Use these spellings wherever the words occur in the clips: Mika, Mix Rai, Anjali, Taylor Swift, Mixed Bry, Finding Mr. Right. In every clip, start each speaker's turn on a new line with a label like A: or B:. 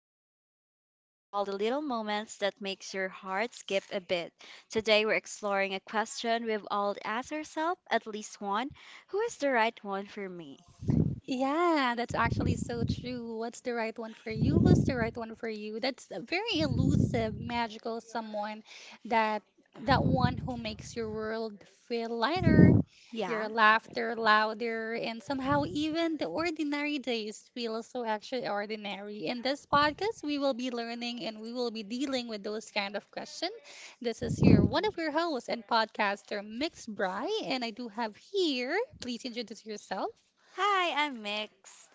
A: love, life, and all the little moments that makes your heart skip a beat. Today we're exploring a question we've all asked ourselves at least one, who is the right one for me?
B: Yeah, that's actually so true. What's the right one for you? Who's the right one for you? That's a very elusive, magical someone that that one who makes your world feel lighter,
A: Yeah.
B: your laughter louder, and somehow even the ordinary days feel so extraordinary. In this podcast, we will be learning and we will be dealing with those kind of questions. This is your one of your hosts and podcaster, Mixed Bry, and I do have here, please introduce yourself.
A: Hi, I'm Mix.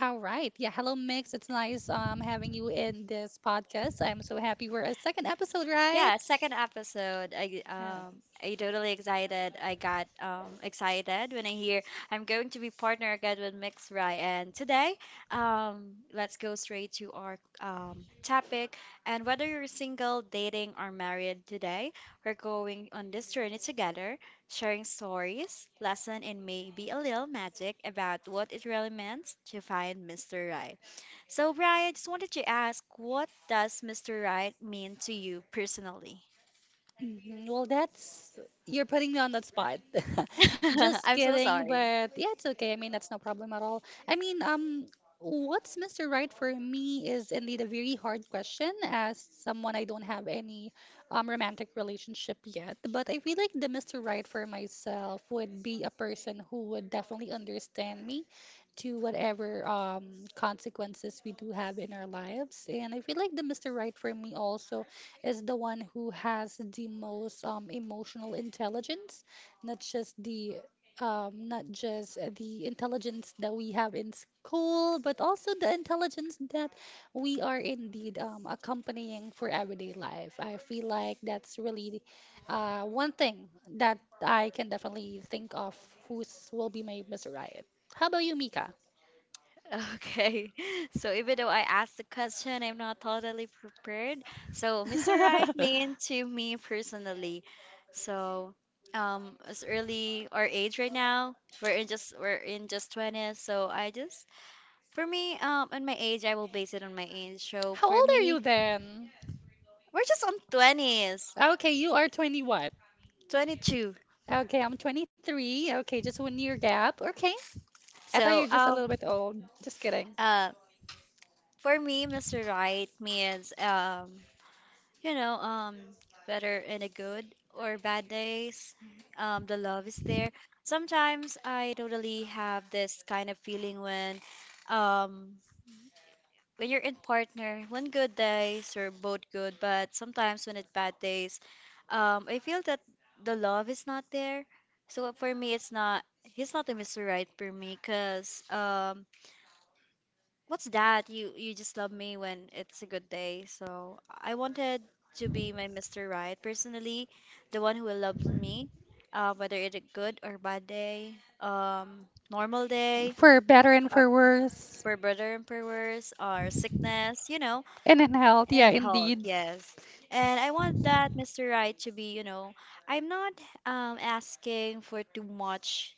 B: All right. Yeah. Hello, Mix. It's nice having you in this podcast. I'm so happy we're at second episode, right?
A: Yeah, second episode. I
B: Yeah.
A: um I totally excited. I got excited when I hear I'm going to be partner again with Mix Rai. And today, let's go straight to our topic. And whether you're single, dating, or married today, we're going on this journey together, sharing stories, lesson, and maybe a little magic about what it really means to find Mr. Right. So, Brian, I just wanted to ask, what does Mr. Right mean to you personally?
B: Mhm. Well, that's you're putting me on that spot. Just
A: I'm so
B: kidding,
A: sorry.
B: but yeah, it's okay. I mean, that's no problem at all. I mean, what's Mr. Right for me is indeed a very hard question as someone I don't have any romantic relationship yet, but I feel like the Mr. Right for myself would be a person who would definitely understand me to whatever consequences we do have in our lives. And I feel like the Mr. Right for me also is the one who has the most emotional intelligence, not just the not just the intelligence that we have in school, but also the intelligence that we are indeed accompanying for everyday life. I feel like that's really one thing that I can definitely think of who's will be my Mr. Riot. How about you, Mika?
A: Okay, so even though I asked the question, I'm not totally prepared. So, Mr. Right mean to me personally. So, as early our age right now, we're in just 20s. So I just for me, on my age, I will base it on my age. So
B: How
A: for
B: old are
A: me,
B: you then?
A: we're just on 20s,
B: Okay, you are 21.
A: 22.
B: Okay, I'm 23. Okay, just one year gap. Okay. I thought you're
A: So
B: just a little bit old. Just kidding.
A: uh, for me, Mr. Right means you know, whether in a good or bad days, the love is there. Sometimes I totally have this kind of feeling um when you're in partner, when good days are both good, but sometimes when it's bad days, I feel that the love is not there. So for me, it's not he's not the Mr. Right for me, cause what's that? You just love me when it's a good day. So I wanted to be my Mr. Right personally, the one who will love me, whether it's a good or bad day, normal day,
B: For better and
A: uh,
B: for worse.
A: per better and per worse, or sickness, you know.
B: And in health, yeah,
A: And Hulk,
B: indeed.
A: yes. And I want that Mr. Right to be, you know, I'm not asking for too much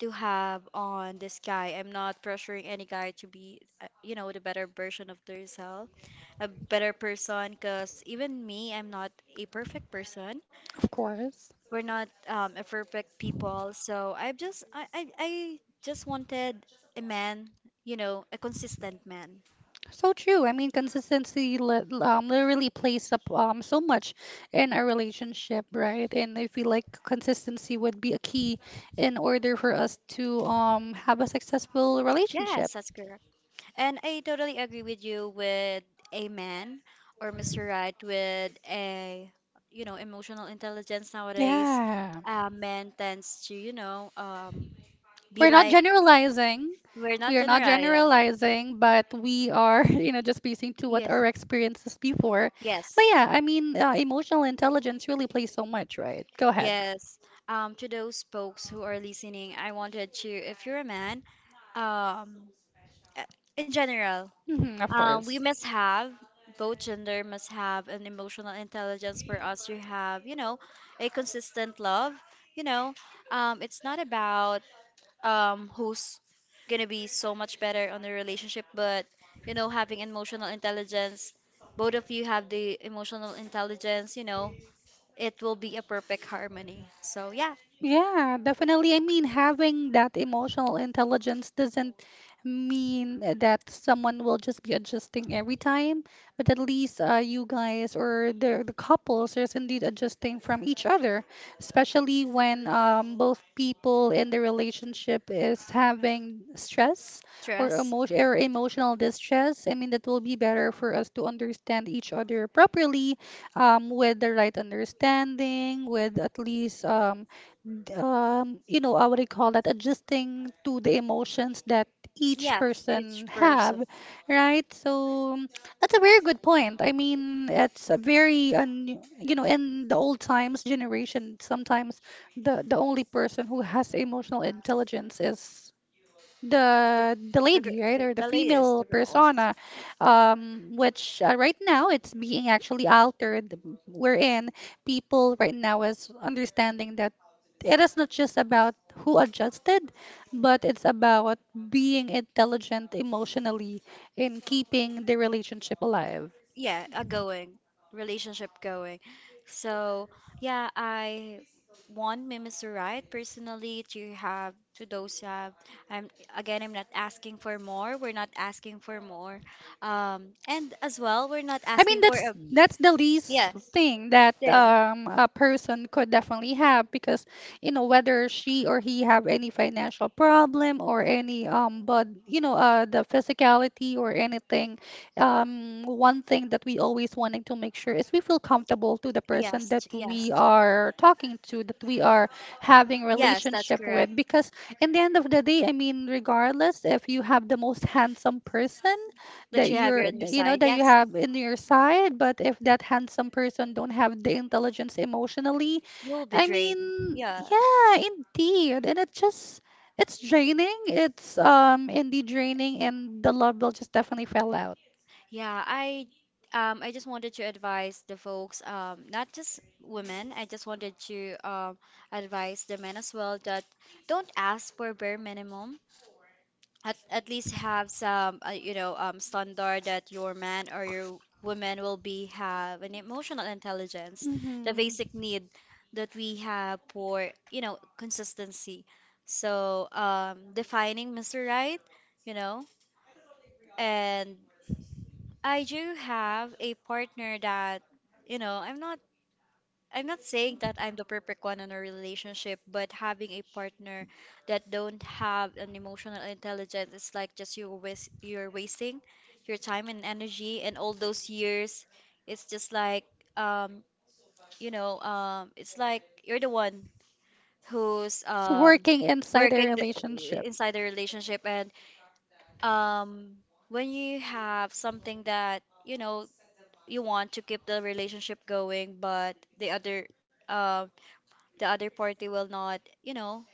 A: to have on this guy. I'm not pressuring any guy to be, you know, the better version of themselves, a better person. Because even me, I'm not a perfect person.
B: Of course.
A: We're not a perfect people. So I just, I just wanted a man, you know, a consistent man.
B: So true. I mean, consistency literally plays up so much in a relationship, right? And I feel like consistency would be a key in order for us to have a successful
A: Yes,
B: relationship.
A: that's correct. And I totally agree with you with a man or Mr. Right with a you know emotional intelligence nowadays.
B: Yeah.
A: Men tends to you know be
B: We're not
A: like
B: generalizing.
A: we're not
B: We are not
A: generalized.
B: generalizing, but we are, you know, just basing to what
A: Yes.
B: our experiences before.
A: Yes,
B: But yeah, I mean, emotional intelligence really plays so much, right? Go ahead.
A: yes. To those folks who are listening, I wanted to, if you're a man, um, uh, in general,
B: Hmm, of
A: We
B: course.
A: must have both gender must have an emotional intelligence for us to have, you know, a consistent love. You know, it's not about who's gonna be so much better on the relationship, but you know, having emotional intelligence, both of you have the emotional intelligence. You know, it will be a perfect harmony. So yeah,
B: Yeah, definitely. I mean, having that emotional intelligence doesn't mean that someone will just be adjusting every time, but at least you guys or the couples is indeed adjusting from each other, especially when both people in the relationship is having stress or
A: trust.
B: emotion or emotional distress. I mean, that will be better for us to understand each other properly, with the right understanding, with at least you know, I would recall that adjusting to the emotions that each
A: Yeah,
B: person
A: each
B: have,
A: person,
B: right? So that's a very good point. I mean, it's a very you know, in the old times generation, sometimes the only person who has emotional intelligence is the
A: the girl,
B: lady, right,
A: the,
B: or the
A: the ladies,
B: female
A: the girls.
B: persona, which right now it's being actually altered wherein people right now is understanding that it is not just about who adjusted, but it's about being intelligent emotionally in keeping the relationship alive.
A: Yeah, a going relationship going. So yeah, I want Mimis right personally to have to those have. I'm again, I'm not asking for more. We're not asking for more. And as well, we're not
B: I mean,
A: asking for
B: that's
A: a
B: that's the least
A: yes,
B: thing that
A: yeah,
B: a person could definitely have, because you know, whether she or he have any financial problem or any but you know, the physicality or anything, one thing that we always wanting to make sure is we feel comfortable to the person that
A: yes,
B: we
A: yes,
B: are talking to, that we are having
A: yes. That's
B: relationship
A: correct.
B: with, because in the end of the day, I mean, regardless if you have the most handsome person
A: That
B: that
A: you have your on your
B: you know,
A: side.
B: that you
A: Yes,
B: have in your side, but if that handsome person don't have the intelligence emotionally,
A: you'll be
B: I
A: drained.
B: mean,
A: Yeah.
B: yeah, indeed, and it just, it's draining, it's indeed draining, and the love will just definitely fell out.
A: Yeah, I just wanted to advise the folks, not just women. I just wanted to advise the men as well that don't ask for bare minimum. At least have some you know standard that your man or your woman will be have an emotional intelligence,
B: Mm-hmm.
A: the basic need that we have for you know consistency. So defining Mr. Right, you know, and I do have a partner that, you know, I'm not saying that I'm the perfect one in a relationship, but having a partner that don't have an emotional intelligence is like just you're wasting your time and energy and all those years. It's just like um, you know, it's like you're the one who's
B: So working inside their
A: working the,
B: relationship.
A: inside the relationship and um when you have something that you know you want to keep the relationship going, but uh, the other party will not, you know,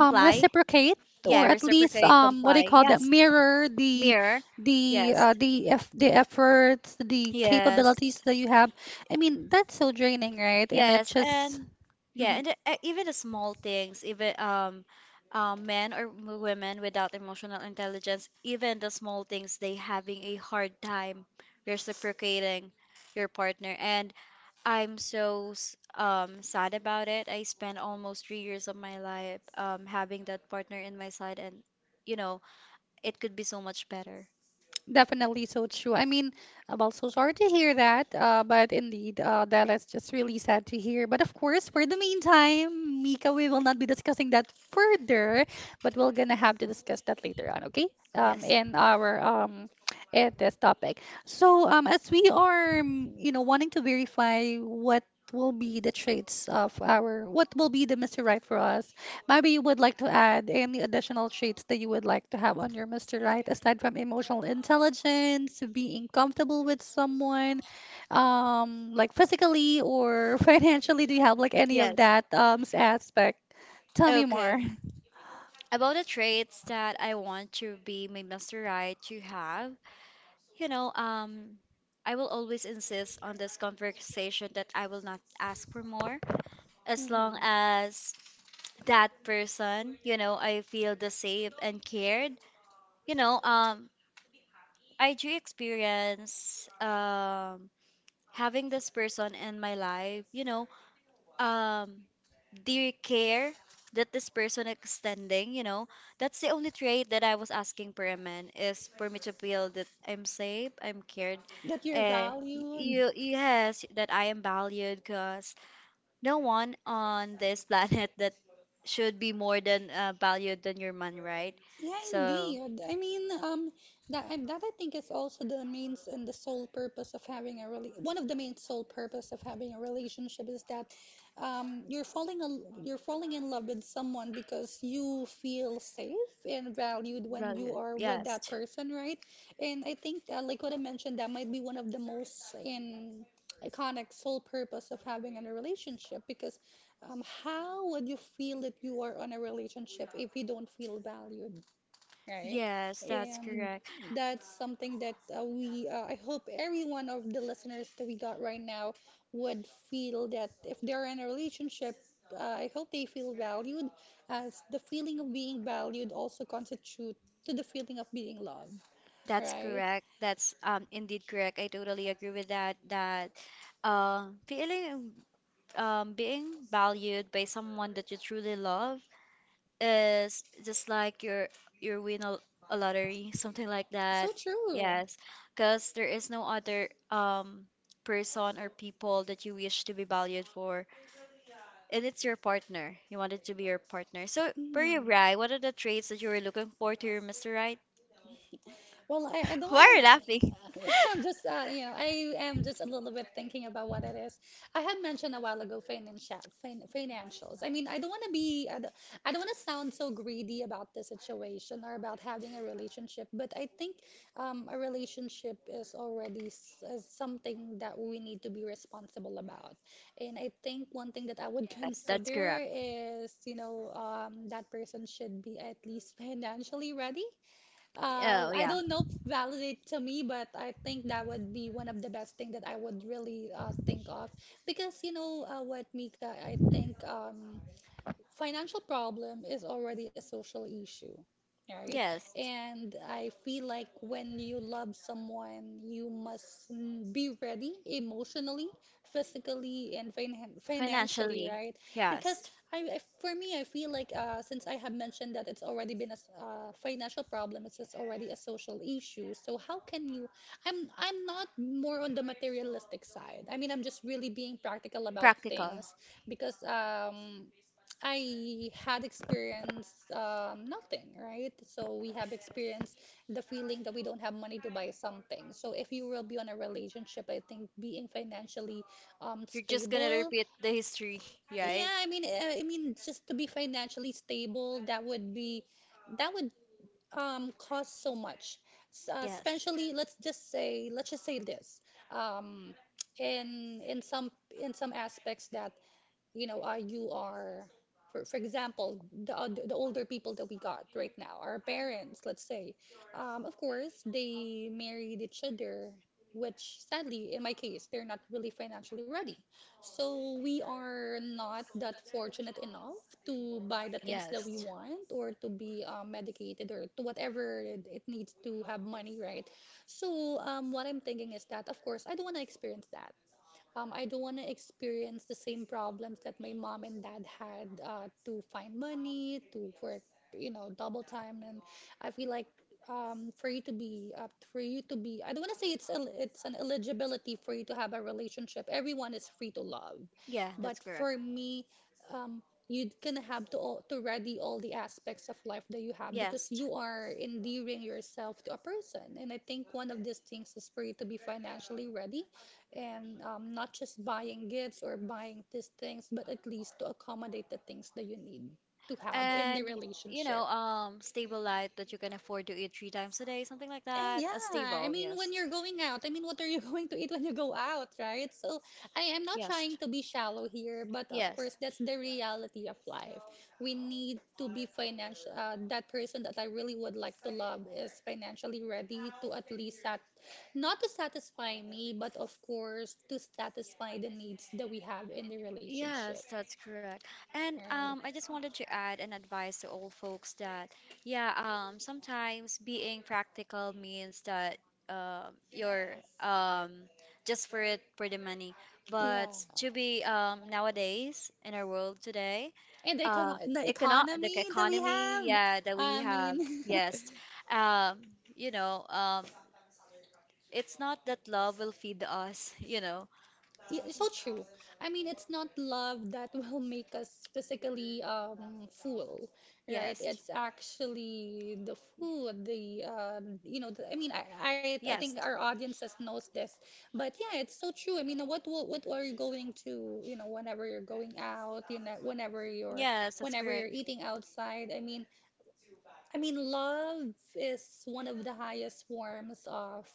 B: Reciprocate,
A: Yeah,
B: or at least
A: reciprocate,
B: what do you
A: comply.
B: call that,
A: Yes,
B: mirror the
A: mirror. Yes,
B: efforts, the
A: yes,
B: capabilities that you have. I mean, that's so draining, right? And it
A: yes,
B: just...
A: and yeah,
B: Mhm.
A: and even the small things, even men or women without emotional intelligence, even the small things, they having a hard time reciprocating your partner, and I'm sad about it. I spent almost three years of my life having that partner in my side, and you know, it could be so much better.
B: Definitely so true. I mean, I'm also sorry to hear that, but indeed, that is just really sad to hear. But of course, for the meantime, Mika, we will not be discussing that further, but we're gonna have to discuss that later on, okay?
A: Yes.
B: In this topic. So, as we are, you know, wanting to verify what will be the traits of our, what will be the Mr. Right for us. Maybe you would like to add any additional traits that you would like to have on your Mr. Right, aside from emotional intelligence, being comfortable with someone, like physically or financially. Do you have like any of
A: Yes.
B: that aspect? Tell me
A: Okay.
B: more.
A: About the traits that I want to be my master right to have, you know, I will always insist on this conversation that I will not ask for more as long
B: Mhm.
A: as that person, you know, I feel the safe and cared. You know, I do experience having this person in my life, you know, um the care that this person extending, you know, that's the only trait that I was asking for a man is for me to feel that I'm safe, I'm cared,
B: That you're
A: and
B: valued.
A: you yes, that I am valued because no one on this planet that should be more than valued than your man, right?
B: Yeah,
A: So
B: indeed. I mean, that I think is also the main and the sole purpose of having a really one of the main sole purpose of having a relationship is that you're you're falling in love with someone because you feel safe and valued when you
A: valued,
B: are with that
A: yes.
B: person, right? And I think that, like what I mentioned, that might be one of the most in iconic sole purpose of having a relationship because how would you feel that you are on a relationship if you don't feel valued, right?
A: Yes, that's
B: And
A: correct.
B: that's something that I hope every one of the listeners that we got right now would feel that if they're in a relationship, I hope they feel valued, as the feeling of being valued also constitute to the feeling of being loved,
A: That's
B: right?
A: correct. That's indeed correct. I totally agree with that. That feeling being valued by someone that you truly love is just like you're win a lottery, something like that.
B: So true.
A: Yes, because there is no other person or people that you wish to be valued for, and it's your partner. You want it to be your partner. So, for you,
B: Mm.
A: Rai, what are the traits that you were looking for to your Mr. Right?
B: Well, I don't
A: Why are
B: want
A: you
B: to.
A: laughing?
B: I'm just, you know, I am just a little bit thinking about what it is. I had mentioned a while ago financial, financials. I mean, I don't want to be, I don't want to sound so greedy about the situation or about having a relationship, but I think a relationship is already s is something that we need to be responsible about. And I think one thing that I would
A: Yes, that's
B: consider
A: correct.
B: is, you know, that person should be at least financially ready,
A: Oh,
B: I
A: yeah.
B: don't know, validate to me, but I think that would be one of the best thing that I would really think of, because you know, what, Mika, I think financial problem is already a social issue, right?
A: Yes.
B: And I feel like when you love someone, you must be ready emotionally, physically, and financially,
A: Financially.
B: right? Because
A: Yes.
B: for me, I feel like since I have mentioned that it's already been a financial problem, it's just already a social issue. So how can you? I'm not more on the materialistic side. I mean, I'm just really being practical about
A: Practical.
B: things because I had experienced nothing, right? So we have experienced the feeling that we don't have money to buy something. So if you will be on a relationship, I think being financially
A: You're just gonna
B: stable,
A: repeat the history, right?
B: yeah, I mean, just to be financially stable, that would be, that would cost so much.
A: Yes.
B: Especially, let's just say this. Um, in in some in some aspects that you know, for example, the older people that we got right now, our parents, let's say, of course, they married each other, which sadly, in my case, they're not really financially ready. So we are not that fortunate enough to buy the things that we
A: Yes.
B: want or to be medicated or to whatever it needs to have money, right? So what I'm thinking is that, of course, I don't want to experience that. I don't want to experience the same problems that my mom and dad had to find money, to work, you know, double time. And I feel like for you to be, I don't want to say it's it's an eligibility for you to have a relationship. Everyone is free to love.
A: Yeah,
B: But
A: that's correct.
B: for me, um, you gonna have to all, to ready all the aspects of life that you have because
A: Yes.
B: you are endearing yourself to a person. And I think one of these things is for you to be financially ready, and not just buying gifts or buying these things, but at least to accommodate the things that you need to have in the
A: And you
B: relationship.
A: know, stable light that you can afford to eat three times a day, something like
B: Eh,
A: that. A
B: yeah, I
A: stable,
B: mean,
A: yes.
B: when you're going out, I mean, what are you going to eat when you go out, right? So I am not
A: Yes.
B: trying to be shallow here, but of course,
A: Yes.
B: that's the reality of life. We need to be financial. That person that I really would like to love is financially ready to at least sat not to satisfy me, but of course, to satisfy the needs that we have in the relationship,
A: Yes, that's correct. And I just wanted to
B: right?
A: add an advice to all folks that, yeah, sometimes being practical means that you're um, just for it for the money.
B: Yeah.
A: But to be nowadays in our world today,
B: And the
A: uh, econo the
B: economy that we
A: economy,
B: have,
A: yeah, that
B: I
A: we have,
B: mean,
A: yes, um, you know, it's not that love will feed us, you know.
B: yeah, it's so true. I mean, it's not love that will make us physically full, right?
A: Yes.
B: It's actually the food, the you know, the, I mean, I think
A: Yes.
B: our audiences knows this, but yeah, it's so true. I mean, what are you going to, whenever you're going out, whenever you're
A: Yes, that's
B: whenever you're
A: correct.
B: eating outside, I mean. I mean, love is one of the highest forms of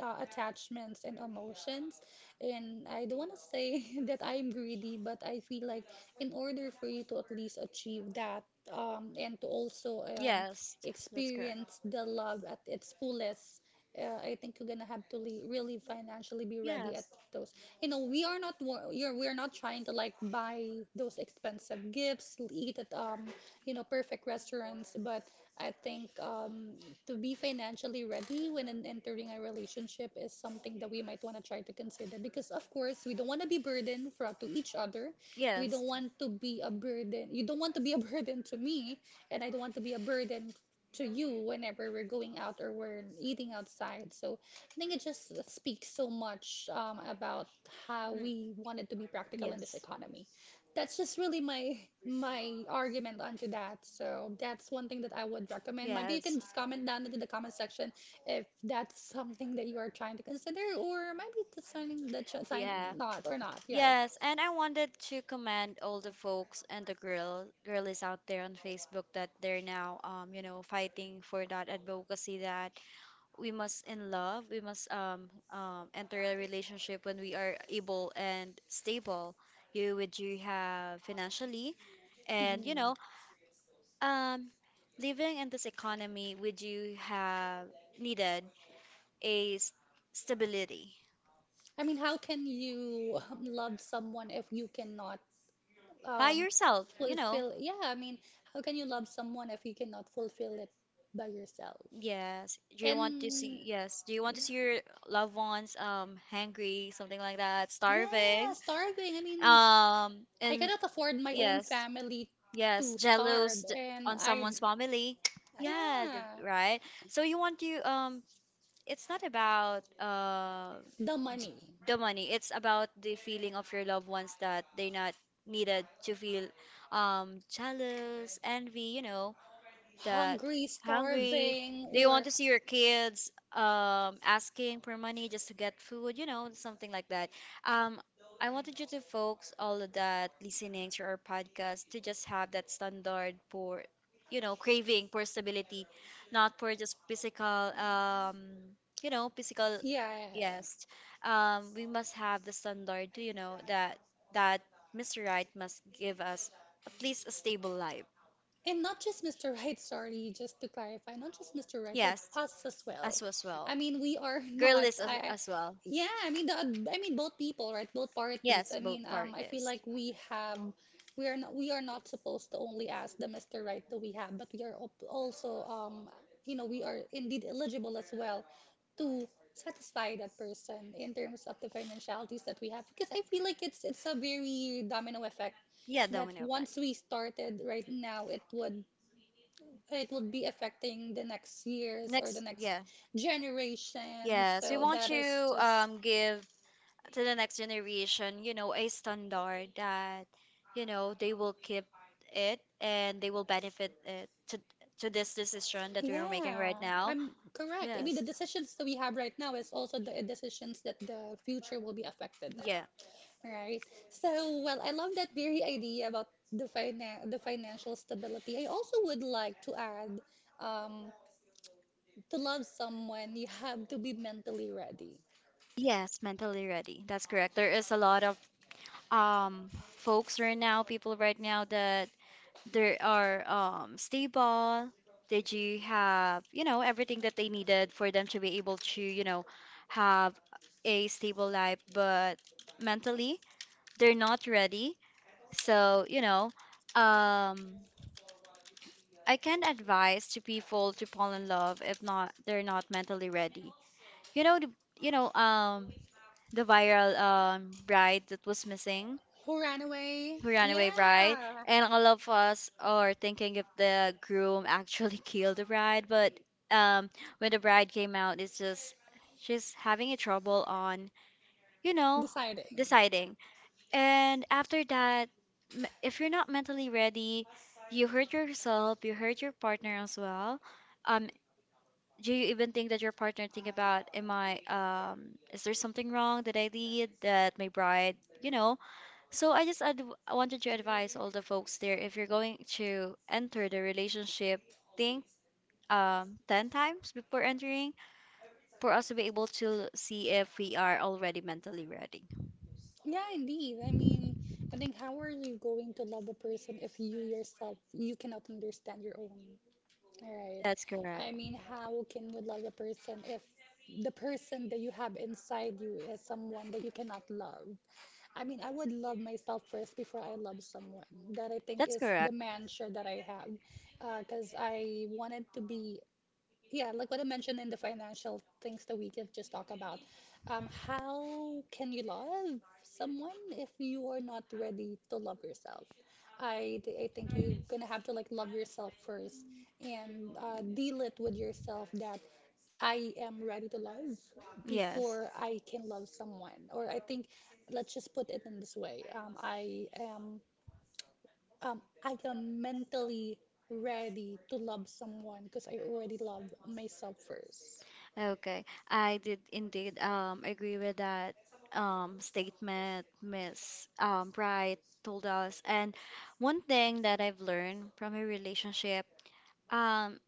B: attachments and emotions. And I don't want to say that I'm greedy, but I feel like in order for you to at least achieve that and to also
A: Yes, that's correct.
B: experience the love at its fullest, I think you're gonna have to really financially be ready at
A: Yes,
B: those. You know, we are not wa- you're, we're not trying to like buy those expensive gifts, eat at perfect restaurants, but I think to be financially ready when entering a relationship is something that we might want to try to consider because, of course, we don't want to be burdened to each other. We don't
A: yes.
B: want to be a burden. You don't want to be a burden to me, and I don't want to be a burden to you whenever we're going out or we're eating outside. So I think it just speaks so much about how
A: Mhm.
B: we wanted to be practical in this
A: Yes.
B: economy. That's just really my argument onto that. So that's one thing that I would recommend. Maybe you can
A: Yes.
B: just comment down into the comment section if that's something that you are trying to consider, or maybe that's something that you're trying
A: Yeah.
B: not or not. Yeah.
A: Yes, and I wanted to commend all the folks and the girlies out there on Facebook that they're now you know fighting for that advocacy that we must in love, we must enter a relationship when we are able and stable. You with you have financially and you
B: Mhm.
A: know um, living in this economy, would you have needed a s- stability
B: I mean, how can you love someone if you cannot
A: by
B: um,
A: yourself, you know?
B: fulfill? Yeah, I mean, how can you love someone if you cannot fulfill it by yourself?
A: Yes. Do you want to
B: And
A: see,
B: yeah,
A: yes, do you want to see your loved ones hungry, something like that,
B: yeah,
A: starving?
B: starving. I mean, I
A: And
B: cannot afford my own, yes,
A: yes.
B: family to
A: Yes,
B: starve, and
A: on
B: I, yes,
A: someone's family. Yeah,
B: yeah,
A: the- right. So you want to it's not about
B: the money,
A: d-
B: yes,
A: the money. It's about the feeling of your loved ones that they're not needed to feel jealous, envy, you know that
B: hungry,
A: hungry.
B: starving,
A: Do you
B: or
A: want to see your kids asking for money just to get food? You know, something like that. Um, I wanted you to folks all of that listening to our podcast to just have that standard for, you know, craving for stability, not for just physical, um, you know, physical.
B: yeah,
A: Yes, we must have the standard, you know, that Mr. Right must give us at least a stable life.
B: and not just Mr. Right, sorry, just to clarify, not just Mr. Right, but
A: Yes,
B: us as well.
A: as well.
B: I mean, we are not. I
A: As well.
B: yeah, I mean the I mean both people, right? Both parties. I mean, I feel like we are not supposed to only ask the Mr. Right that we have, but we are also we are indeed eligible as well to satisfy that person in terms of the financialities that we have because I feel like it's a very domino effect
A: Yeah,
B: that once we started right now it would be affecting the next years or the next generation. So that is just,
A: give to the next generation, you know, a standard that, you know, they will keep it and they will benefit it to this decision that we are making
B: yeah,
A: right now.
B: I'm correct. I mean, the
A: Yes.
B: decisions that we have right now is also the decisions that the future will be affected of,
A: Yeah.
B: right? So, well, I love that very idea about the financial stability. I also would like to add, um, to love someone, you have to be mentally ready.
A: Yes, mentally ready. That's correct. There is a lot of um folks right now, people right now that there are stable. Did you have, you know, everything that they needed for them to be able to, you know, have a stable life, but mentally they're not ready. So, you know, um I can advise to people to fall in love if not they're not mentally ready. You know, you know, the viral bride that was missing,
B: Who ran away?
A: who ran away bride,
B: Yeah.
A: and all of us are thinking if the groom actually killed the bride. But um, when the bride came out, it's just she's having a trouble on, you know,
B: Deciding.
A: deciding. And after that, if you're not mentally ready, you hurt yourself, you hurt your partner as well. Um, do you even think that your partner think about am I is there something wrong that I did that my bride you know so i just ad- I wanted to advise all the folks there, if you're going to enter the relationship, think 10 times before entering, for us to be able to see if we are already mentally ready.
B: Yeah, indeed. I mean, I think how are you going to love a person if you yourself you cannot understand your own? All right.
A: That's correct.
B: I mean, how can you love a person if the person that you have inside you is someone that you cannot love? I mean, I would love myself first before I love someone. That I think
A: That's
B: is the
A: correct.
B: mantra that I have, because I wanted to be, yeah, like what I mentioned in the financial things that we did just talk about. How can you love someone if you are not ready to love yourself? I think you're gonna have to like love yourself first and deal it with yourself that I am ready to love
A: Yes.
B: before I can love someone. Or I think let's just put it in this way. I am mentally ready to love someone because I already love myself first.
A: Okay, I did indeed agree with that statement Miss Bright told us. And one thing that I've learned from a relationship, um,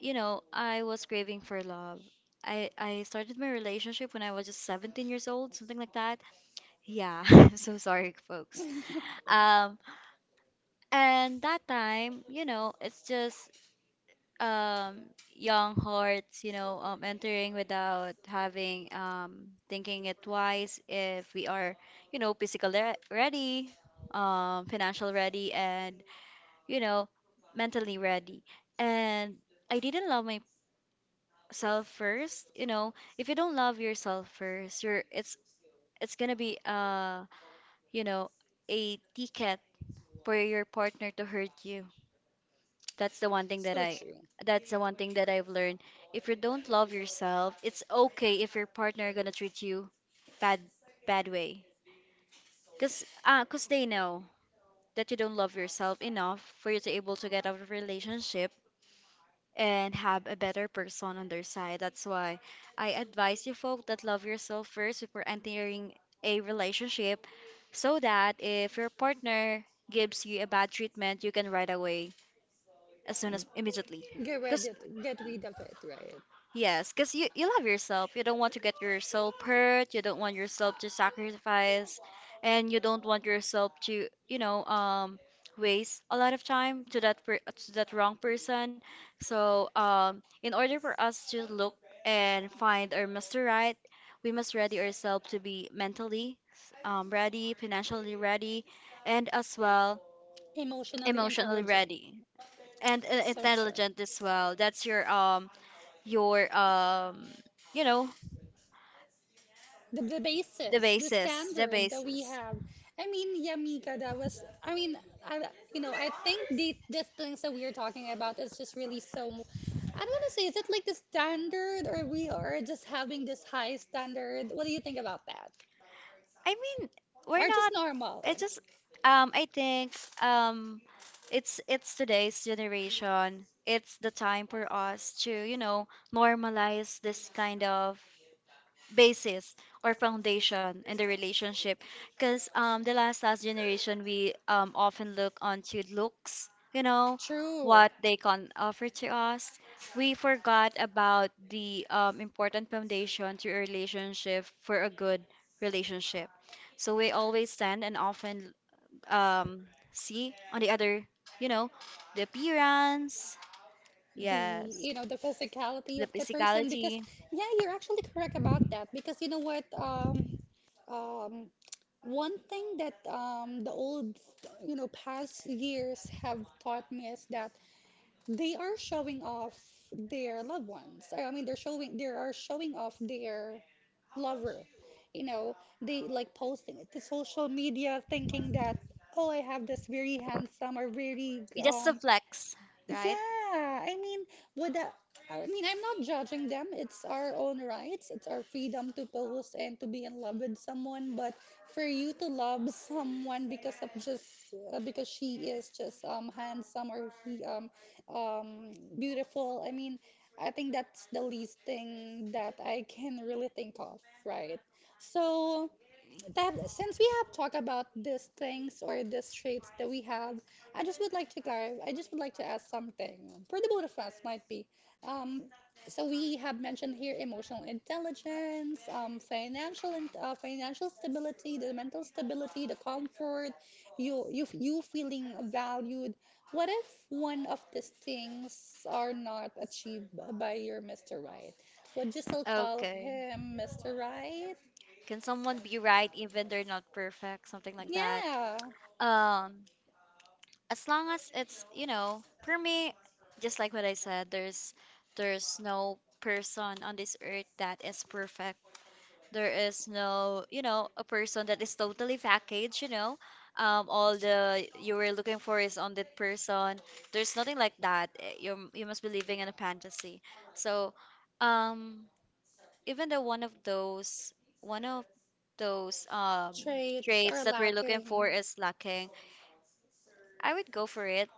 A: I was craving for love. I started my relationship when I was just 17 years old, something like that. Yeah, so sorry, folks. Um, and that time, you know, it's just um young hearts, you know, entering without having thinking it twice if we are, you know, physical ready, financial ready, and, you know, mentally ready. And I didn't love myself first. You know, if you don't love yourself first, you're it's gonna be you know, a ticket for your partner to hurt you. That's the one thing that
B: So
A: I
B: true.
A: that's the one thing that I've learned. If you don't love yourself, it's okay if your partner gonna treat you bad bad way. Cause cause they know that you don't love yourself enough for you to able to get out of relationship and have a better person on their side. That's why I advise you folk that love yourself first before entering a relationship, so that if your partner gives you a bad treatment, you can right away, as soon as immediately.
B: Mm. Get rid of it, right?
A: Yes, because you love yourself. You don't want to get your soul hurt. You don't want yourself to sacrifice, and you don't want yourself to, you know, waste a lot of time to that per to that wrong person. So, in order for us to look and find our Mr. Right, we must ready ourselves to be mentally, ready, financially ready, and as well
B: Emotionally
A: emotionally
B: intelligent.
A: ready, and
B: So true.
A: intelligent as well. That's your you know
B: The
A: the
B: basis, the standard that we
A: basis.
B: have. I mean, Yamika, that was, I mean, I, I think the things that we are talking about is just really so, I don't want to say, is it like the standard or we are just having this high standard? What do you think about that?
A: I mean, we're
B: Or just
A: not,
B: normal?
A: it's just, I think, um it's today's generation, it's the time for us to, you know, normalize this kind of basis or foundation in the relationship. Because the last last generation, we often look onto looks, you know,
B: True.
A: what they can offer to us. We forgot about the important foundation to a relationship for a good relationship. So we always tend and often um see on the other, you know, the appearance.
B: The,
A: Yes,
B: you know, the physicality
A: the
B: of the person because,
A: physicality.
B: yeah, you're actually correct about that because you know what, um, one thing that the old, you know, past years have taught me is that they are showing off their loved ones. I mean, they are showing off their lover. You know, they like posting it to social media, thinking that, oh, I have this very handsome or very
A: It's just a flex, right?
B: yeah, I mean, would that, I mean, I'm not judging them. It's our own rights. It's our freedom to post and to be in love with someone. But for you to love someone because of just because she is just handsome or he um beautiful. I mean, I think that's the least thing that I can really think of, right? So. That since we have talked about these things or these traits that we have, I just would like to clarify. I just would like to ask something for the both of us, might be. Um, so we have mentioned here emotional intelligence, financial stability, the mental stability, the comfort, you feeling valued. What if one of these things are not achieved by your Mr. Right? Would you still call
A: Okay.
B: him Mr. Right?
A: Can someone be right even they're not perfect? Something like that.
B: Yeah,
A: Um, as long as it's, you know, for me, just like what I said, there's no person on this earth that is perfect. There is no, you know, a person that is totally packaged, you know. All the you were looking for is on that person. There's nothing like that. Eh, You must be living in a fantasy. So, um, even though one of those
B: traits
A: traits
B: are
A: that we're looking
B: lacking.
A: for is lacking, I would go for it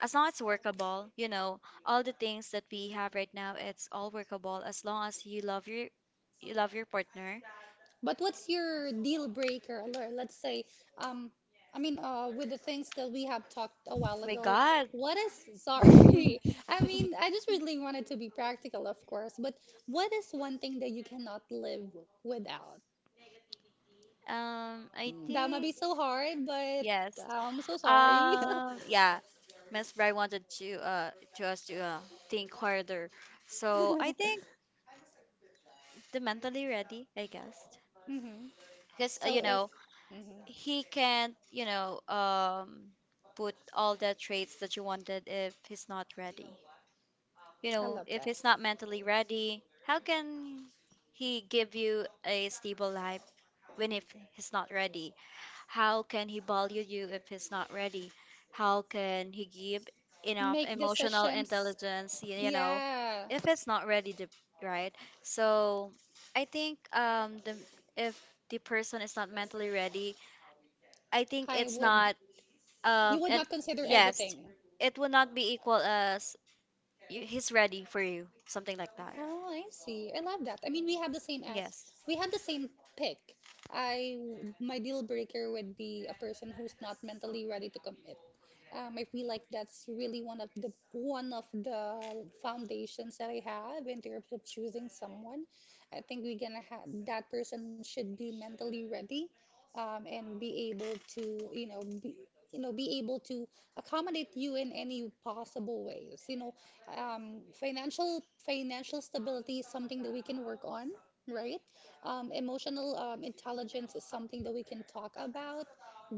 A: as long as it's workable. You know, all the things that we have right now, it's all workable as long as you love your, you love your partner.
B: But what's your deal breaker? Or let's say, um, I mean, with the things that we have talked a while
A: My
B: ago,
A: God.
B: what is, sorry, I mean, I just really wanted to be practical, of course, but what is one thing that you cannot live without?
A: I
B: That might be
A: think,
B: so hard, but
A: yes.
B: I'm so sorry.
A: Yeah, Miss Bry wanted to us to think harder. So I think the mentally ready, I guess,
B: Hmm.
A: because
B: So
A: you
B: if,
A: know,
B: mhm.
A: he can't, you know, put all the traits that you wanted if he's not ready. You
B: I
A: know,
B: love
A: if
B: that.
A: he's not mentally ready, how can he give you a stable life when if he's not ready? How can he value you if he's not ready? How can he give enough
B: Make
A: emotional
B: decisions.
A: intelligence, you know,
B: Yeah,
A: if it's not ready to, right? So I think the, if the person is not mentally ready, I think
B: I
A: it's
B: would.
A: not,
B: You would
A: and
B: not consider
A: yes,
B: everything.
A: it will not be equal as he's ready for you, something like that.
B: Oh, I see. I love that. I mean,
A: Yes.
B: we have the same pick. I My deal breaker would be a person who's not mentally ready to commit. I feel like that's really one of the foundations that I have in terms of choosing someone. I think we're gonna have that person should be mentally ready, and you know, be, be able to accommodate you in any possible ways. You know, financial stability is something that we can work on, right? Emotional intelligence is something that we can talk about.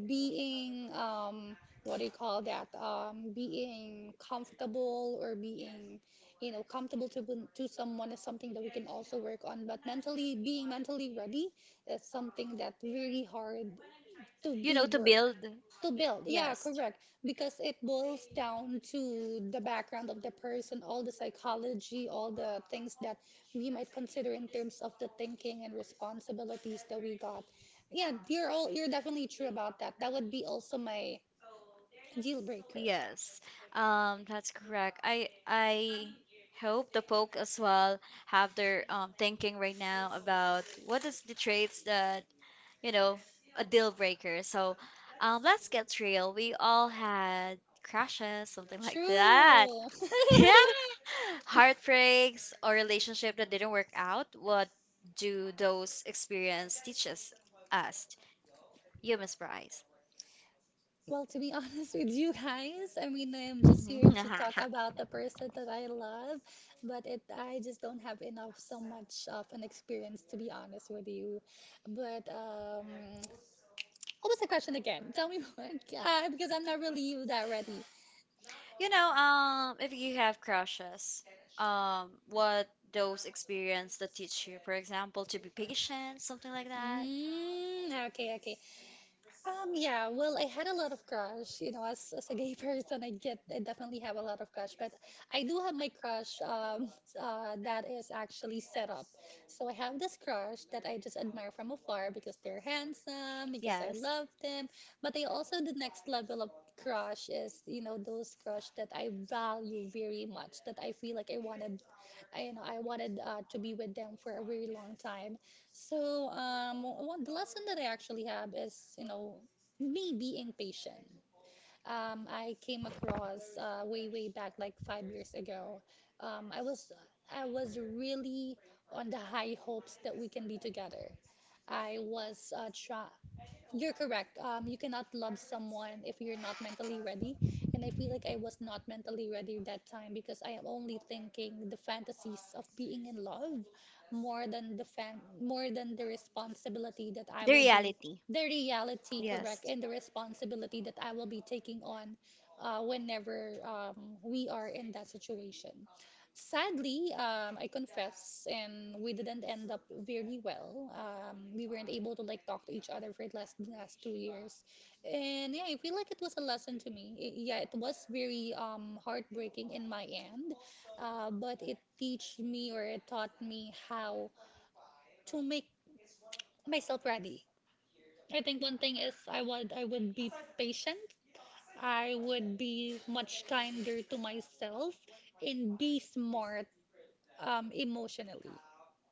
B: Being what do you call that? Being comfortable or being, comfortable to to someone is something that we can also work on. But mentally, being mentally ready is something that's really hard to
A: You
B: be
A: know, to
B: work
A: build.
B: to
A: Y-
B: build. Yeah,
A: Yes.
B: correct, because it boils down to the background of the person, all the psychology, all the things that we might consider in terms of the thinking and responsibilities that we got. Yeah, you're definitely true about that. That would be also my deal breaker.
A: Yes, that's correct. I hope the folk as well have their thinking right now about what is the traits that, you know, a deal breaker. So, let's get real. We all had crashes, something like that.
B: True.
A: Yeah, heartbreaks or relationship that didn't work out. What do those experience teaches us? You, Miss Bryce.
B: Well, to be honest with you guys, I mean, I am just here to talk about the person that I love, but it I just don't have enough so much of an experience to be honest with you. But what was the question again? Tell me more, because I'm not really that ready.
A: You know, if you have crushes, what those experience that teach you, for example, to be patient, something like that.
B: Mm, okay, okay. Yeah, well, I had a lot of crush. You know, as a gay person, I definitely have a lot of crush, but I do have my crush that is actually set up. So I have this crush that I just admire from afar because they're handsome, because I
A: Yes.
B: love them. But I also, the next level of crush is, you know, those crush that I value very much, that I feel like I wanted, I, you know, I wanted to be with them for a very long time. So, the lesson that I actually have is, me being patient. I came across way, way back, like 5 years ago. Um, I was, I was really on the high hopes that we can be together. I was try, you're correct. You cannot love someone if you're not mentally ready. And I feel like I was not mentally ready that time because I am only thinking the fantasies of being in love more than the fan more than the responsibility that I
A: The
B: will be
A: reality.
B: the reality,
A: Yes.
B: correct, and the responsibility that I will be taking on whenever we are in that situation. Sadly, I confess, and we didn't end up very well. We weren't able to like talk to each other for the last two years, and yeah, I feel like it was a lesson to me. I Yeah, it was very heartbreaking in my end, but it teach me or it taught me how to make myself ready. I think one thing is I would be patient. I would be much kinder to myself and be smart, emotionally.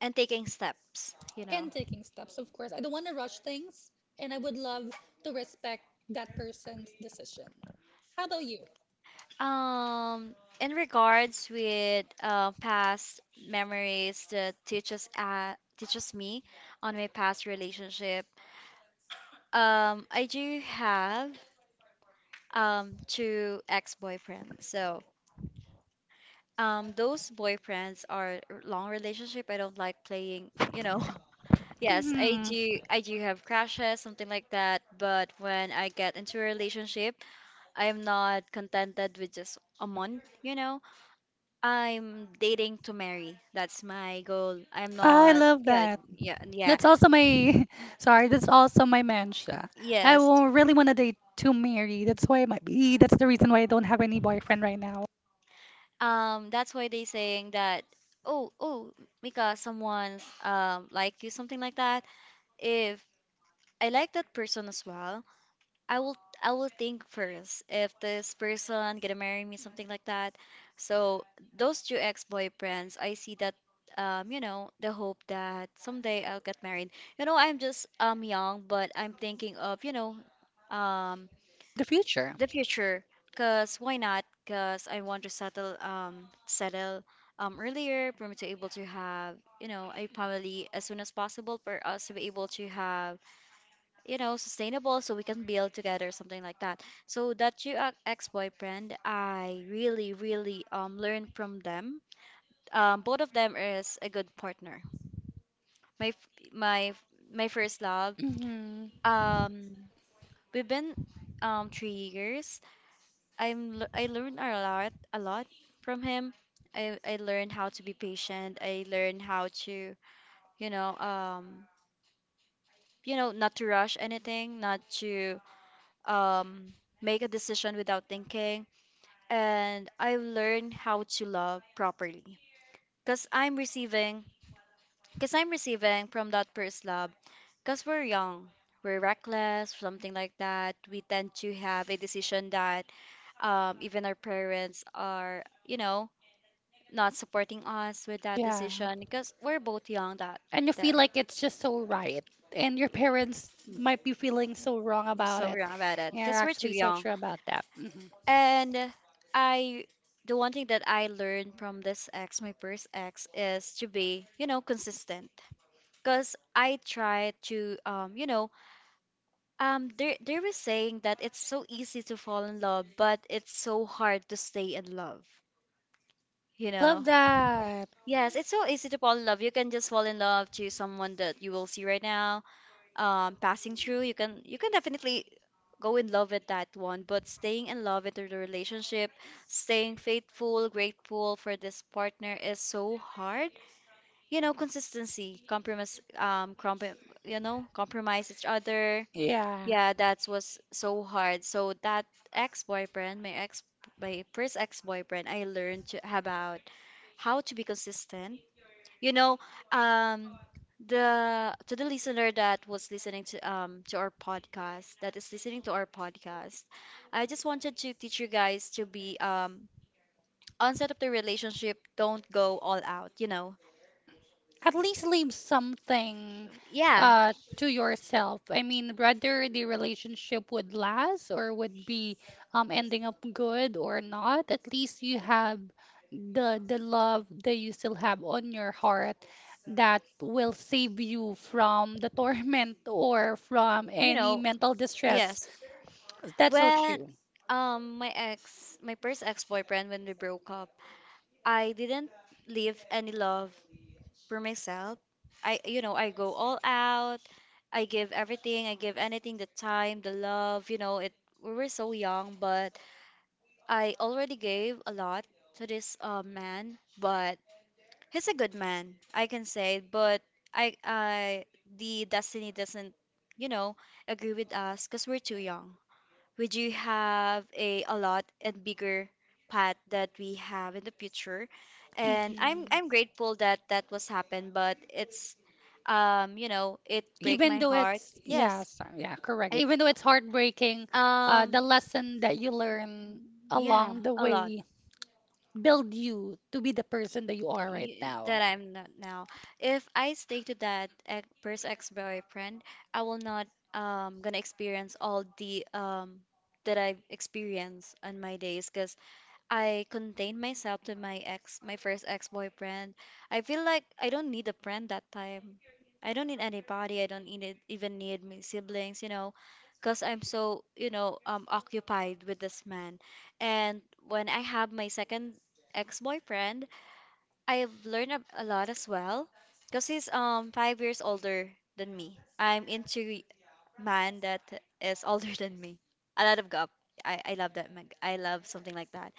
A: And taking steps, you
B: And
A: know.
B: taking steps, of course. I don't want to rush things, and I would love to respect that person's decision. How about you?
A: Um, in regards with past memories that teaches teaches me on my past relationship, I do have two ex-boyfriends. So those boyfriends are long relationship. I don't like playing, you know. Yes, I
B: Mhm.
A: do. I do have crashes, something like that. But when I get into a relationship, I am not contented with just a month, you know. I'm dating to marry. That's my goal. I'm
B: I
A: not.
B: love
A: Yeah,
B: that.
A: yeah, yeah.
B: That's also my, sorry, that's also my mantra. I
A: Yes.
B: won't really want to date too married. That's the reason why I don't have any boyfriend right now.
A: That's why they saying that. Oh, oh, Mika, someone's like you, something like that. If I like that person as well, I will, I will think first if this person gonna marry me, something like that. So those two ex-boyfriends, I see that, you know, the hope that someday I'll get married. You know, I'm just young, but I'm thinking of, you know, um
B: The future.
A: the future. 'Cause why not? 'Cause I want to settle settle earlier for me to able to have, you know, a family as soon as possible for us to be able to have, you know, sustainable so we can build together, something like that. So that you ex-boyfriend, I really, really learned from them. Both of them is a good partner. My f- my f- my first love.
B: Hmm.
A: Um, we've been 3 years. I learned a lot from him. I learned how to be patient. I learned how to, you know, um, you know, not to rush anything, not to um, make a decision without thinking, and I've learned how to love properly. Cause I'm receiving, cause I'm receiving from that first love. Cause we're young, we're reckless, something like that. We tend to have a decision that, even our parents are, you know, not supporting us with that
B: Yeah.
A: decision because we're both young that,
B: And you feel
A: that
B: like it's just so right. And your parents might be feeling so wrong
A: we're
B: about
A: so
B: it.
A: young about it
B: You're
A: because we're too
B: actually so
A: young.
B: true about that. Hmm.
A: And I, the one thing that I learned from this ex, my first ex, is to be, you know, consistent. Because I try to, you know, they were saying that it's so easy to fall in love, but it's so hard to stay in love. You
B: Love
A: know.
B: that.
A: Yes, it's so easy to fall in love. You can just fall in love to someone that you will see right now passing through. You can, you can definitely go in love with that one, but staying in love with the relationship, staying faithful, grateful for this partner is so hard. You know, consistency, compromise, you know, compromise each other.
B: Yeah.
A: Yeah, that was so hard. So that ex-boyfriend, my first ex-boyfriend, I learned to, about how to be consistent. You know, um, the to the listener that was listening to our podcast, that is listening to our podcast, I just wanted to teach you guys to be onset of the relationship, don't go all out, you know.
B: At least leave something
A: Yeah,
B: to yourself. I mean, whether the relationship would last or would be ending up good or not, at least you have the love that you still have on your heart that will save you from the torment or from
A: you
B: any
A: know,
B: mental distress.
A: yes.
B: That's so
A: When
B: true.
A: my ex, my first ex-boyfriend when we broke up, I didn't leave any love for myself. I, you know, I go all out, I give everything, I give anything, the time, the love, you know. It, we were so young, but I already gave a lot to this man. But he's a good man, I can say. But I, the destiny doesn't, you know, agree with us because we're too young. Would you have a lot and bigger path that we have in the future. And
B: Mhm.
A: I'm grateful that that was happened, but it's, you know, it break
B: Even
A: my
B: though
A: heart.
B: it's
A: Yes,
B: yes yeah, correct,
A: it,
B: even though it's heartbreaking,
A: um
B: the lesson that you learn
A: yeah,
B: along the
A: a lot.
B: way build you to be the person that you are right now.
A: That I'm not now. If I stay to that first ex-boyfriend, I will not gonna experience all the that I've experienced on my days. 'Cause I contained myself to my ex, my first ex-boyfriend. I feel like I don't need a friend that time. I don't need anybody. I don't need, even need my siblings, you know, because I'm so, you know, occupied with this man. And when I have my second ex-boyfriend, I've learned a lot as well, because he's 5 years older than me. I'm into man that is older than me. A lot of gap. I love that. I love something like that.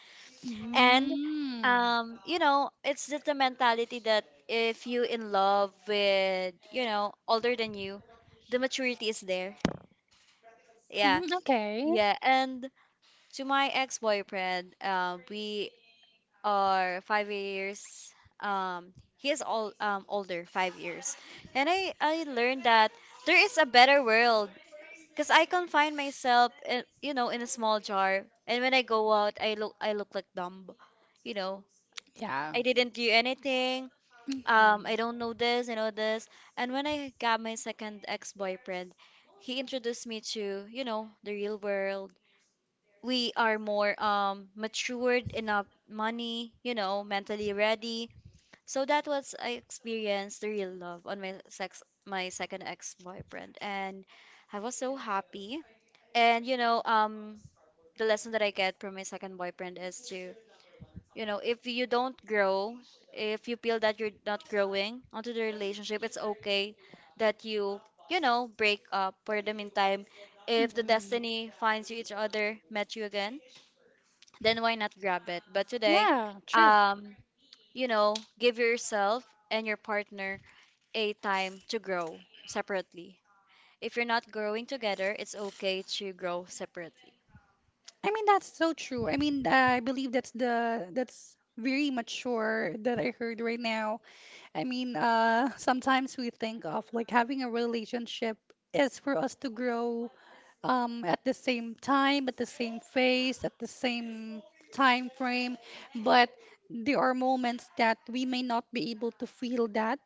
A: And
B: Mm.
A: you know, it's just the mentality that if you in love with, you know, older than you, the maturity is there. Yeah,
B: Mm, okay.
A: yeah. And to my ex-boyfriend, we are 5 years. He is all older, 5 years. And I learned that there is a better world. Cause I confine myself, in, you know, in a small jar, and when I go out, I look like dumb, you know,
B: Yeah.
A: I didn't do anything.
B: Mhm.
A: I don't know this, I know this. And when I got my second ex-boyfriend, he introduced me to, you know, the real world. We are more matured enough money, you know, mentally ready. So that was I experienced the real love on my second ex-boyfriend. And I was so happy. And you know, the lesson that I get from my second boyfriend is to, you know, if you don't grow, if you feel that you're not growing onto the relationship, it's okay that you know, break up for the meantime. If the
B: Mhm.
A: destiny finds you each other, met you again, then why not grab it? But today,
B: Yeah, true.
A: um, you know, give yourself and your partner a time to grow separately. If you're not growing together, it's okay to grow separately.
B: I mean, that's so true. I mean, I believe that's the that's very mature that I heard right now. I mean, sometimes we think of like having a relationship is for us to grow, at the same time, at the same phase, at the same time frame. But there are moments that we may not be able to feel that,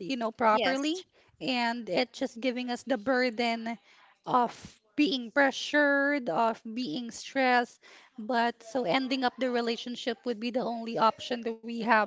B: you know,
A: Yes,
B: properly. And it's just giving us the burden of being pressured, of being stressed. But so ending up the relationship would be the only option that we have.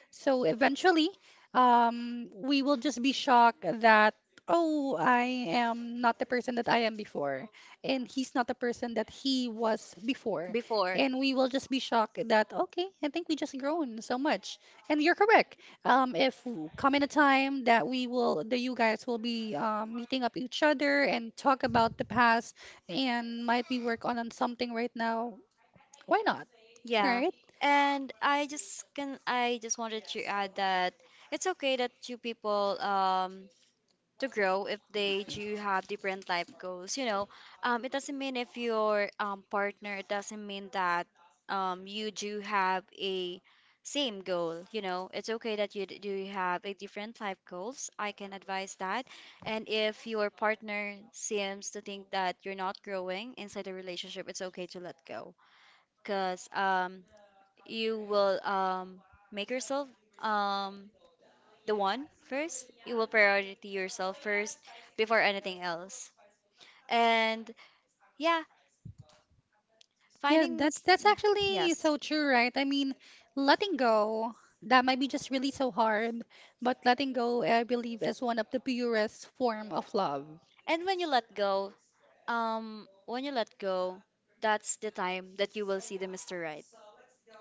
B: So eventually, we will just be shocked that, oh, I am not the person that I am before and he's not the person that he was before.
A: before.
B: And we will just be shocked that, okay, I think we just grown so much. And you're correct. If come in a time that that you guys will be meeting up each other and talk about the past and might be work on something right now, why not?
A: Yeah.
B: Right?
A: And I just can I just wanted to add that it's okay that two people to grow if they do have different life goals. You know, it doesn't mean if your partner, it doesn't mean that you do have a same goal. You know, it's okay that you do have a different life goals. I can advise that. And if your partner seems to think that you're not growing inside the relationship, it's okay to let go. Because you will make yourself um, the one first. You will priority yourself first before anything else. And yeah,
B: Yes, that's
A: yeah,
B: actually
A: yes.
B: so true, right? I mean, letting go, that might be just really so hard, but letting go, I believe, is one of the purest form of love.
A: And when you let go, when you let go, that's the time that you will see the Mr. Right,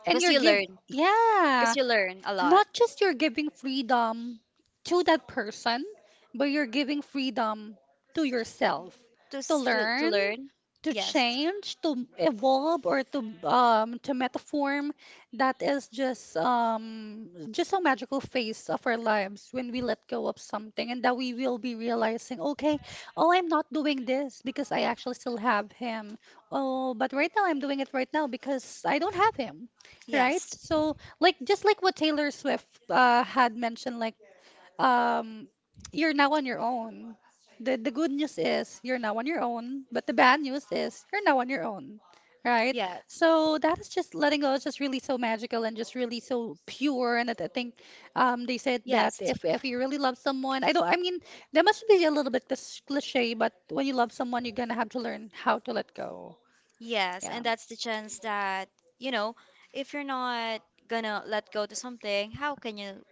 B: And
A: because
B: you're
A: you
B: give,
A: learn, because
B: yeah.
A: you learn a lot
B: Not just you're giving freedom to that person, but you're giving freedom to yourself
A: to
B: to
A: to
B: learn,
A: learn.
B: to
A: Yes,
B: change, to evolve, or to metaform. That is just a magical phase of our lives when we let go of something and that we will be realizing, okay, oh, I'm not doing this because I actually still have him. Oh, but right now I'm doing it right now because I don't have him, right?
A: yes,
B: So like just like what Taylor Swift had mentioned, like, um, you're now on your own. The good news is you're now on your own, but the bad news is you're now on your own, right?
A: yes,
B: So that is just letting go is just really so magical and just really so pure. And that I think, they said that
A: yes.
B: if you really love someone, I don't, I mean, that must be a little bit this cliche, but when you love someone, you're gonna have to learn how to let go.
A: Yes,
B: Yeah.
A: and that's the chance that, you know, if you're not gonna let go to something, how can you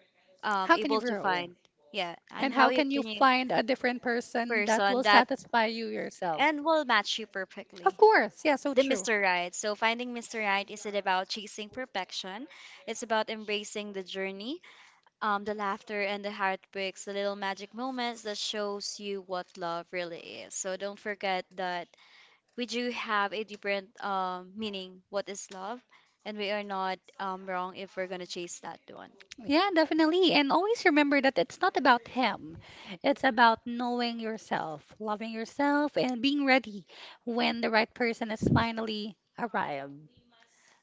B: How can you
A: able to
B: grow?
A: find, yeah, and
B: And
A: how
B: how
A: you
B: can you
A: can you
B: find a different person that
A: person
B: will
A: that
B: satisfy you yourself?
A: and will match you
B: Of
A: perfectly.
B: course. Yeah, so
A: The
B: true.
A: Mr. Right. So finding Mr. Right isn't about chasing perfection. It's about embracing the journey, the laughter and the heartbreaks, the little magic moments that shows you what love really is. So don't forget that we do have a different meaning what is love and we are not wrong if we're gonna chase that one.
B: Yeah, definitely. And always remember that it's not about him. It's about knowing yourself, loving yourself, and being ready when the right person is finally arrived.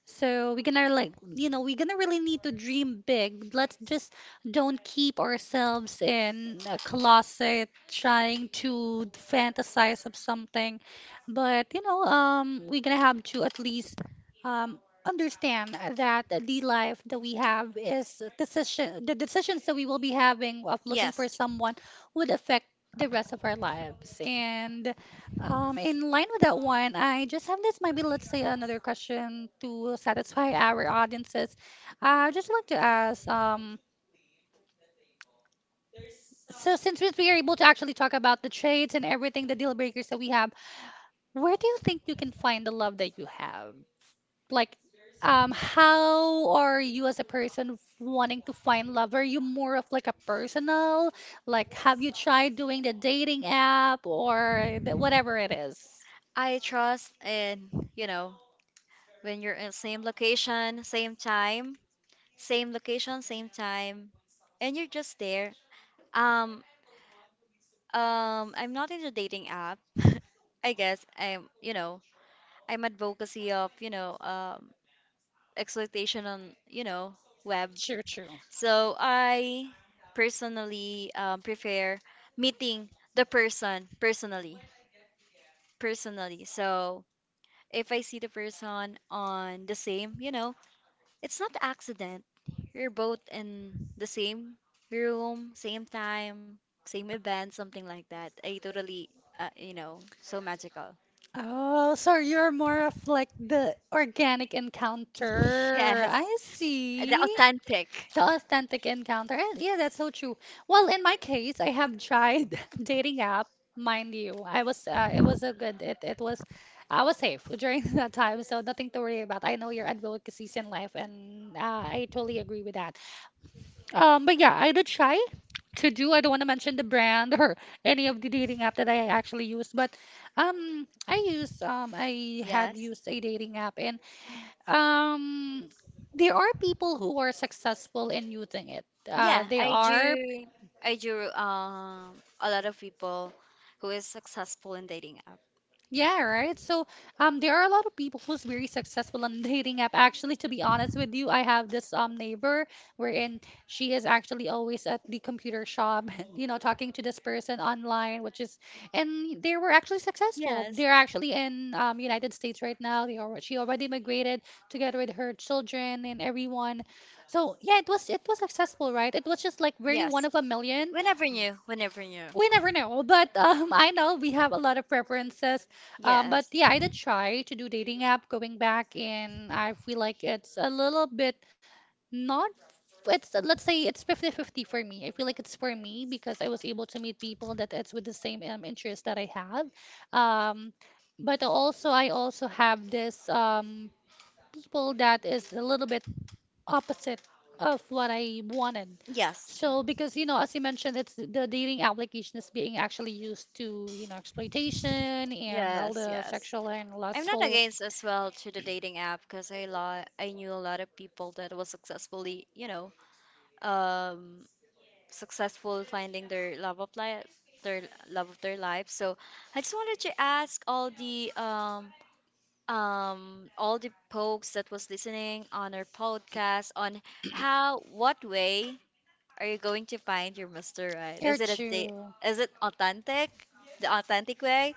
B: So we're gonna like, you know, we're gonna really need to dream big. Let's just don't keep ourselves in a closet trying to fantasize of something. But, you know, we're gonna have to at least um understand that the life that we have is a decision, the decisions that we will be having of looking for
A: Yes,
B: someone would affect the rest of our lives. And in line with that one, I just have this maybe let's say another question to satisfy our audiences. I just like to ask, so since we are able to actually talk about the traits and everything, the deal breakers that we have, where do you think you can find the love that you have? Like, how are you as a person wanting to find love? Are you more of like a personal, like have you tried doing the dating app or the, whatever it is?
A: I trust in, you know, when you're in same location same time, same location same time, and you're just there. um I'm not into dating app. I guess I'm, you know, I'm advocacy of, you know, exploitation on, you know, web.
B: True, true.
A: So I personally prefer meeting the person personally. Personally. So if I see the person on the same, you know, it's not accident. You're both in the same room, same time, same event, something like that. I totally, you know, so magical.
B: Oh, so you're more of like the organic encounter.
A: Yes,
B: I
A: the
B: see.
A: authentic.
B: The authentic encounter. And yeah, that's so true. Well, in my case, I have tried dating app, mind you. I was it was a good it was I was safe during that time, so nothing to worry about. I know your advocacies in life and I totally agree with that. But yeah, I did try to do. I don't want to mention the brand or any of the dating app that I actually used, but I had
A: Yes.
B: used a dating app, and um, there are people who are successful in using it.
A: Yeah,
B: They
A: I
B: are.
A: do. I do. A lot of people who is successful in dating.
B: Yeah, right. So there are a lot of people who's very successful on dating app. Actually, to be honest with you, I have this neighbor wherein she is actually always at the computer shop, you know, talking to this person online, which is, and they were actually successful.
A: Yes.
B: They're actually in United States right now. They are She already migrated together with her children and everyone. So yeah, it was successful, right? It was just like very
A: Yes.
B: one of a million.
A: Whenever new, whenever new.
B: We never know, but I know we have a lot of preferences, but
A: Yes.
B: yeah, I did try to do dating app going back, and I feel like it's a little bit not, it's let's say it's 50-50 for me. I feel like it's for me because I was able to meet people that it's with the same, interest that I have, um, but also I also have this, people that is a little bit opposite of what I wanted.
A: Yes.
B: So because you know, as you mentioned, it's the dating application is being actually used to you know exploitation and all
A: Yes,
B: the
A: yes.
B: sexual and
A: I'm not
B: lustful.
A: against as well to the dating app because I lot I knew a lot of people that was successfully, you know, um successful finding their love of life, their love of their life. So I just wanted to ask all the folks that was listening on our podcast on how, what way are you going to find your Mr. Right?
B: You're
A: Is it a date?
B: true.
A: Is it authentic, the authentic way,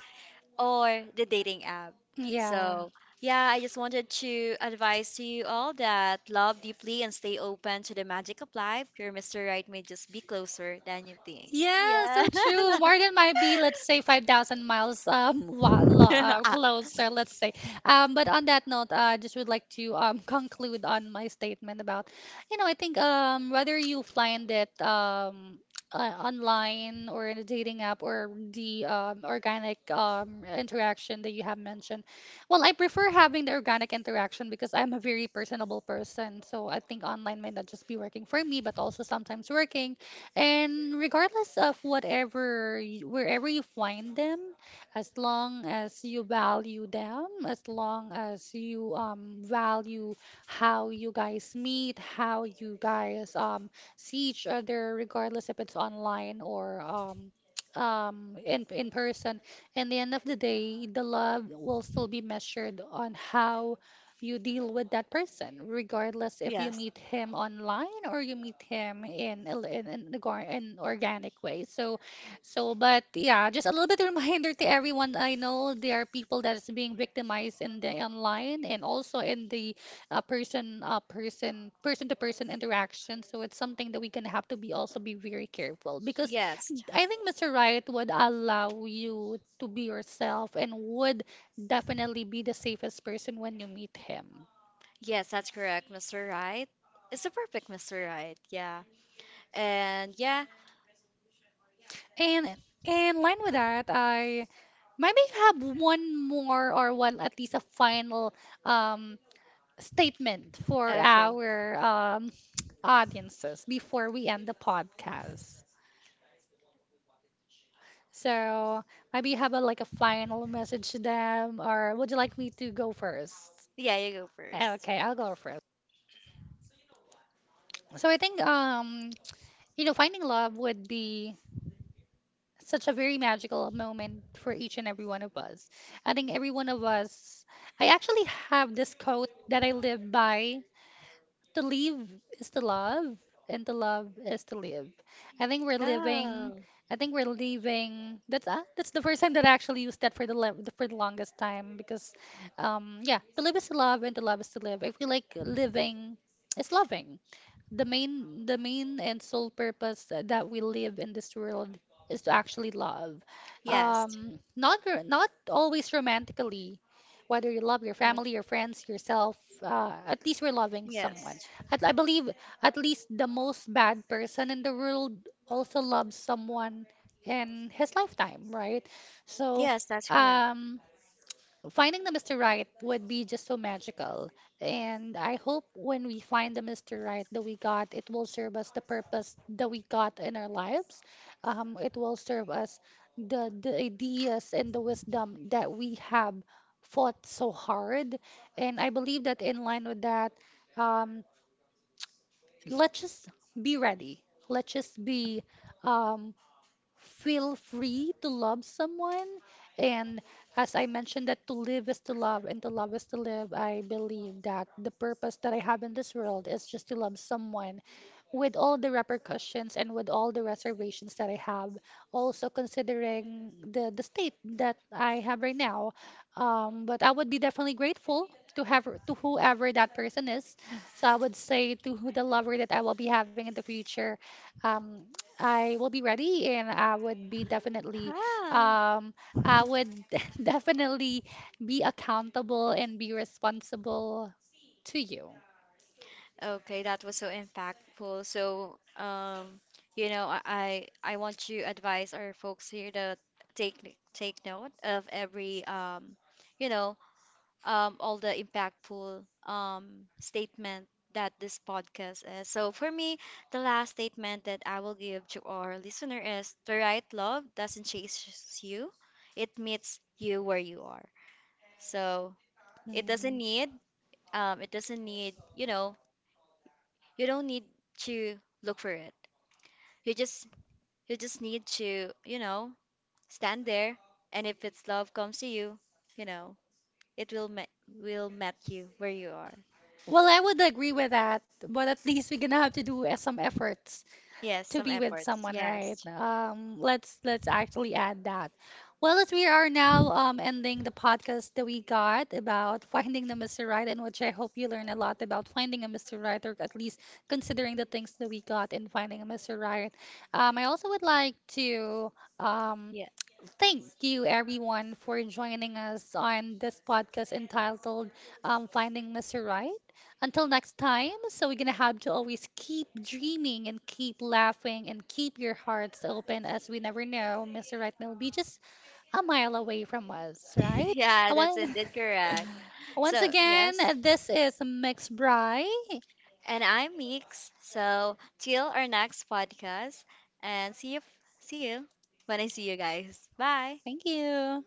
A: or the dating app?
B: Yeah.
A: So yeah, I just wanted to advise to you all that love deeply and stay open to the magic of life. Your Mr. Right may just be closer than you think.
B: Yeah,
A: Yeah.
B: so true. Morgan might be, let's say, 5,000 miles
A: Ah.
B: closer, let's say. But on that note, I just would like to conclude on my statement about, you know, I think whether you find it online or in a dating app or the, organic, interaction that you have mentioned, well, I prefer having the organic interaction because I'm a very personable person. So I think online might not just be working for me, but also sometimes working. And regardless of whatever, wherever you find them, as long as you value them, as long as you value how you guys meet, how you guys see each other, regardless if it's online or in person in the end of the day, the love will still be measured on how you deal with that person, regardless if you
A: Yes.
B: meet him online or you meet him in in, the in organic way. So, so but yeah, just a little bit reminder to everyone. I know there are people that is being victimized in the online and also in the person to person interaction. So it's something that we can have to be also be very careful because
A: Yes.
B: I think Mr. Riot would allow you to be yourself and would definitely be the safest person when you meet him.
A: Yes, that's correct, Mr. Right. It's a perfect Mr. Right. Yeah. And yeah.
B: And in line with that, I maybe have one more or one at least a final, um, statement for
A: Okay.
B: our, audiences before we end the podcast. So maybe you have a, like a final message to them, or would you like me to go first?
A: Yeah, you go first.
B: Okay, I'll go first. So I think you know, finding love would be such a very magical moment for each and every one of us. I think every one of us, I actually have this quote that I live by to live is to love, and to love is to live. I think we're living.
A: Oh,
B: I think we're leaving. That's the first time that I actually used that for the for the longest time because, yeah, to live is to love and to love is to live. I feel like living is loving the main and sole purpose that we live in this world is to actually love. Yes.
A: yes.
B: Not not always romantically, whether you love your family,
A: Yes.
B: your friends, yourself, at least we're loving someone.
A: Yes,
B: At, I believe at least the most bad person in the world also loves someone in his lifetime, right? So,
A: yes, that's correct.
B: um finding the Mr. Right would be just so magical. And I hope when we find the Mr. Right that we got, it will serve us the purpose that we got in our lives. It will serve us the ideas and the wisdom that we have fought so hard. And I believe that in line with that, um, let's just be ready. Let's just be, um, feel free to love someone, and as I mentioned that to live is to love and to love is to live, I believe that the purpose that I have in this world is just to love someone with all the repercussions and with all the reservations that I have, also considering the state that I have right now. But I would be definitely grateful to have to whoever that person is. So I would say to who the lover that I will be having in the future, um, I will be ready and I would be definitely,
A: Ah.
B: um, I would definitely be accountable and be responsible to you.
A: Okay, that was so impactful. So, you know, I want to advise our folks here to take take note of every you know, all the impactful statement that this podcast is. So for me, the last statement that I will give to our listener is the right love doesn't chase you, it meets you where you are. So it doesn't
B: Mm.
A: need it doesn't need, you know. You don't need to look for it. You just you just need to, you know, stand there and if it's love comes to you, you know, it will met you where you are.
B: Well, I would agree with that, but at least we're gonna have to do some efforts
A: Yes,
B: to
A: some
B: be with
A: efforts.
B: someone, right?
A: Yes.
B: Let's actually add that. Well, as we are now ending the podcast that we got about finding the Mr. Right, and which I hope you learn a lot about finding a Mr. Right, or at least considering the things that we got in finding a Mr. Right. I also would like to um,
A: Yeah.
B: thank you, everyone, for joining us on this podcast entitled, Finding Mr. Right. Until next time, so we're going to have to always keep dreaming and keep laughing and keep your hearts open as we never know Mr. Right may be just a mile away from us, right?
A: Yeah,
B: I
A: that's
B: want,
A: indeed correct.
B: once
A: So, yes.
B: again, this is Mix Bry.
A: And I'm Meeks. So till our next podcast and see you when I see you guys. Bye.
B: Thank you.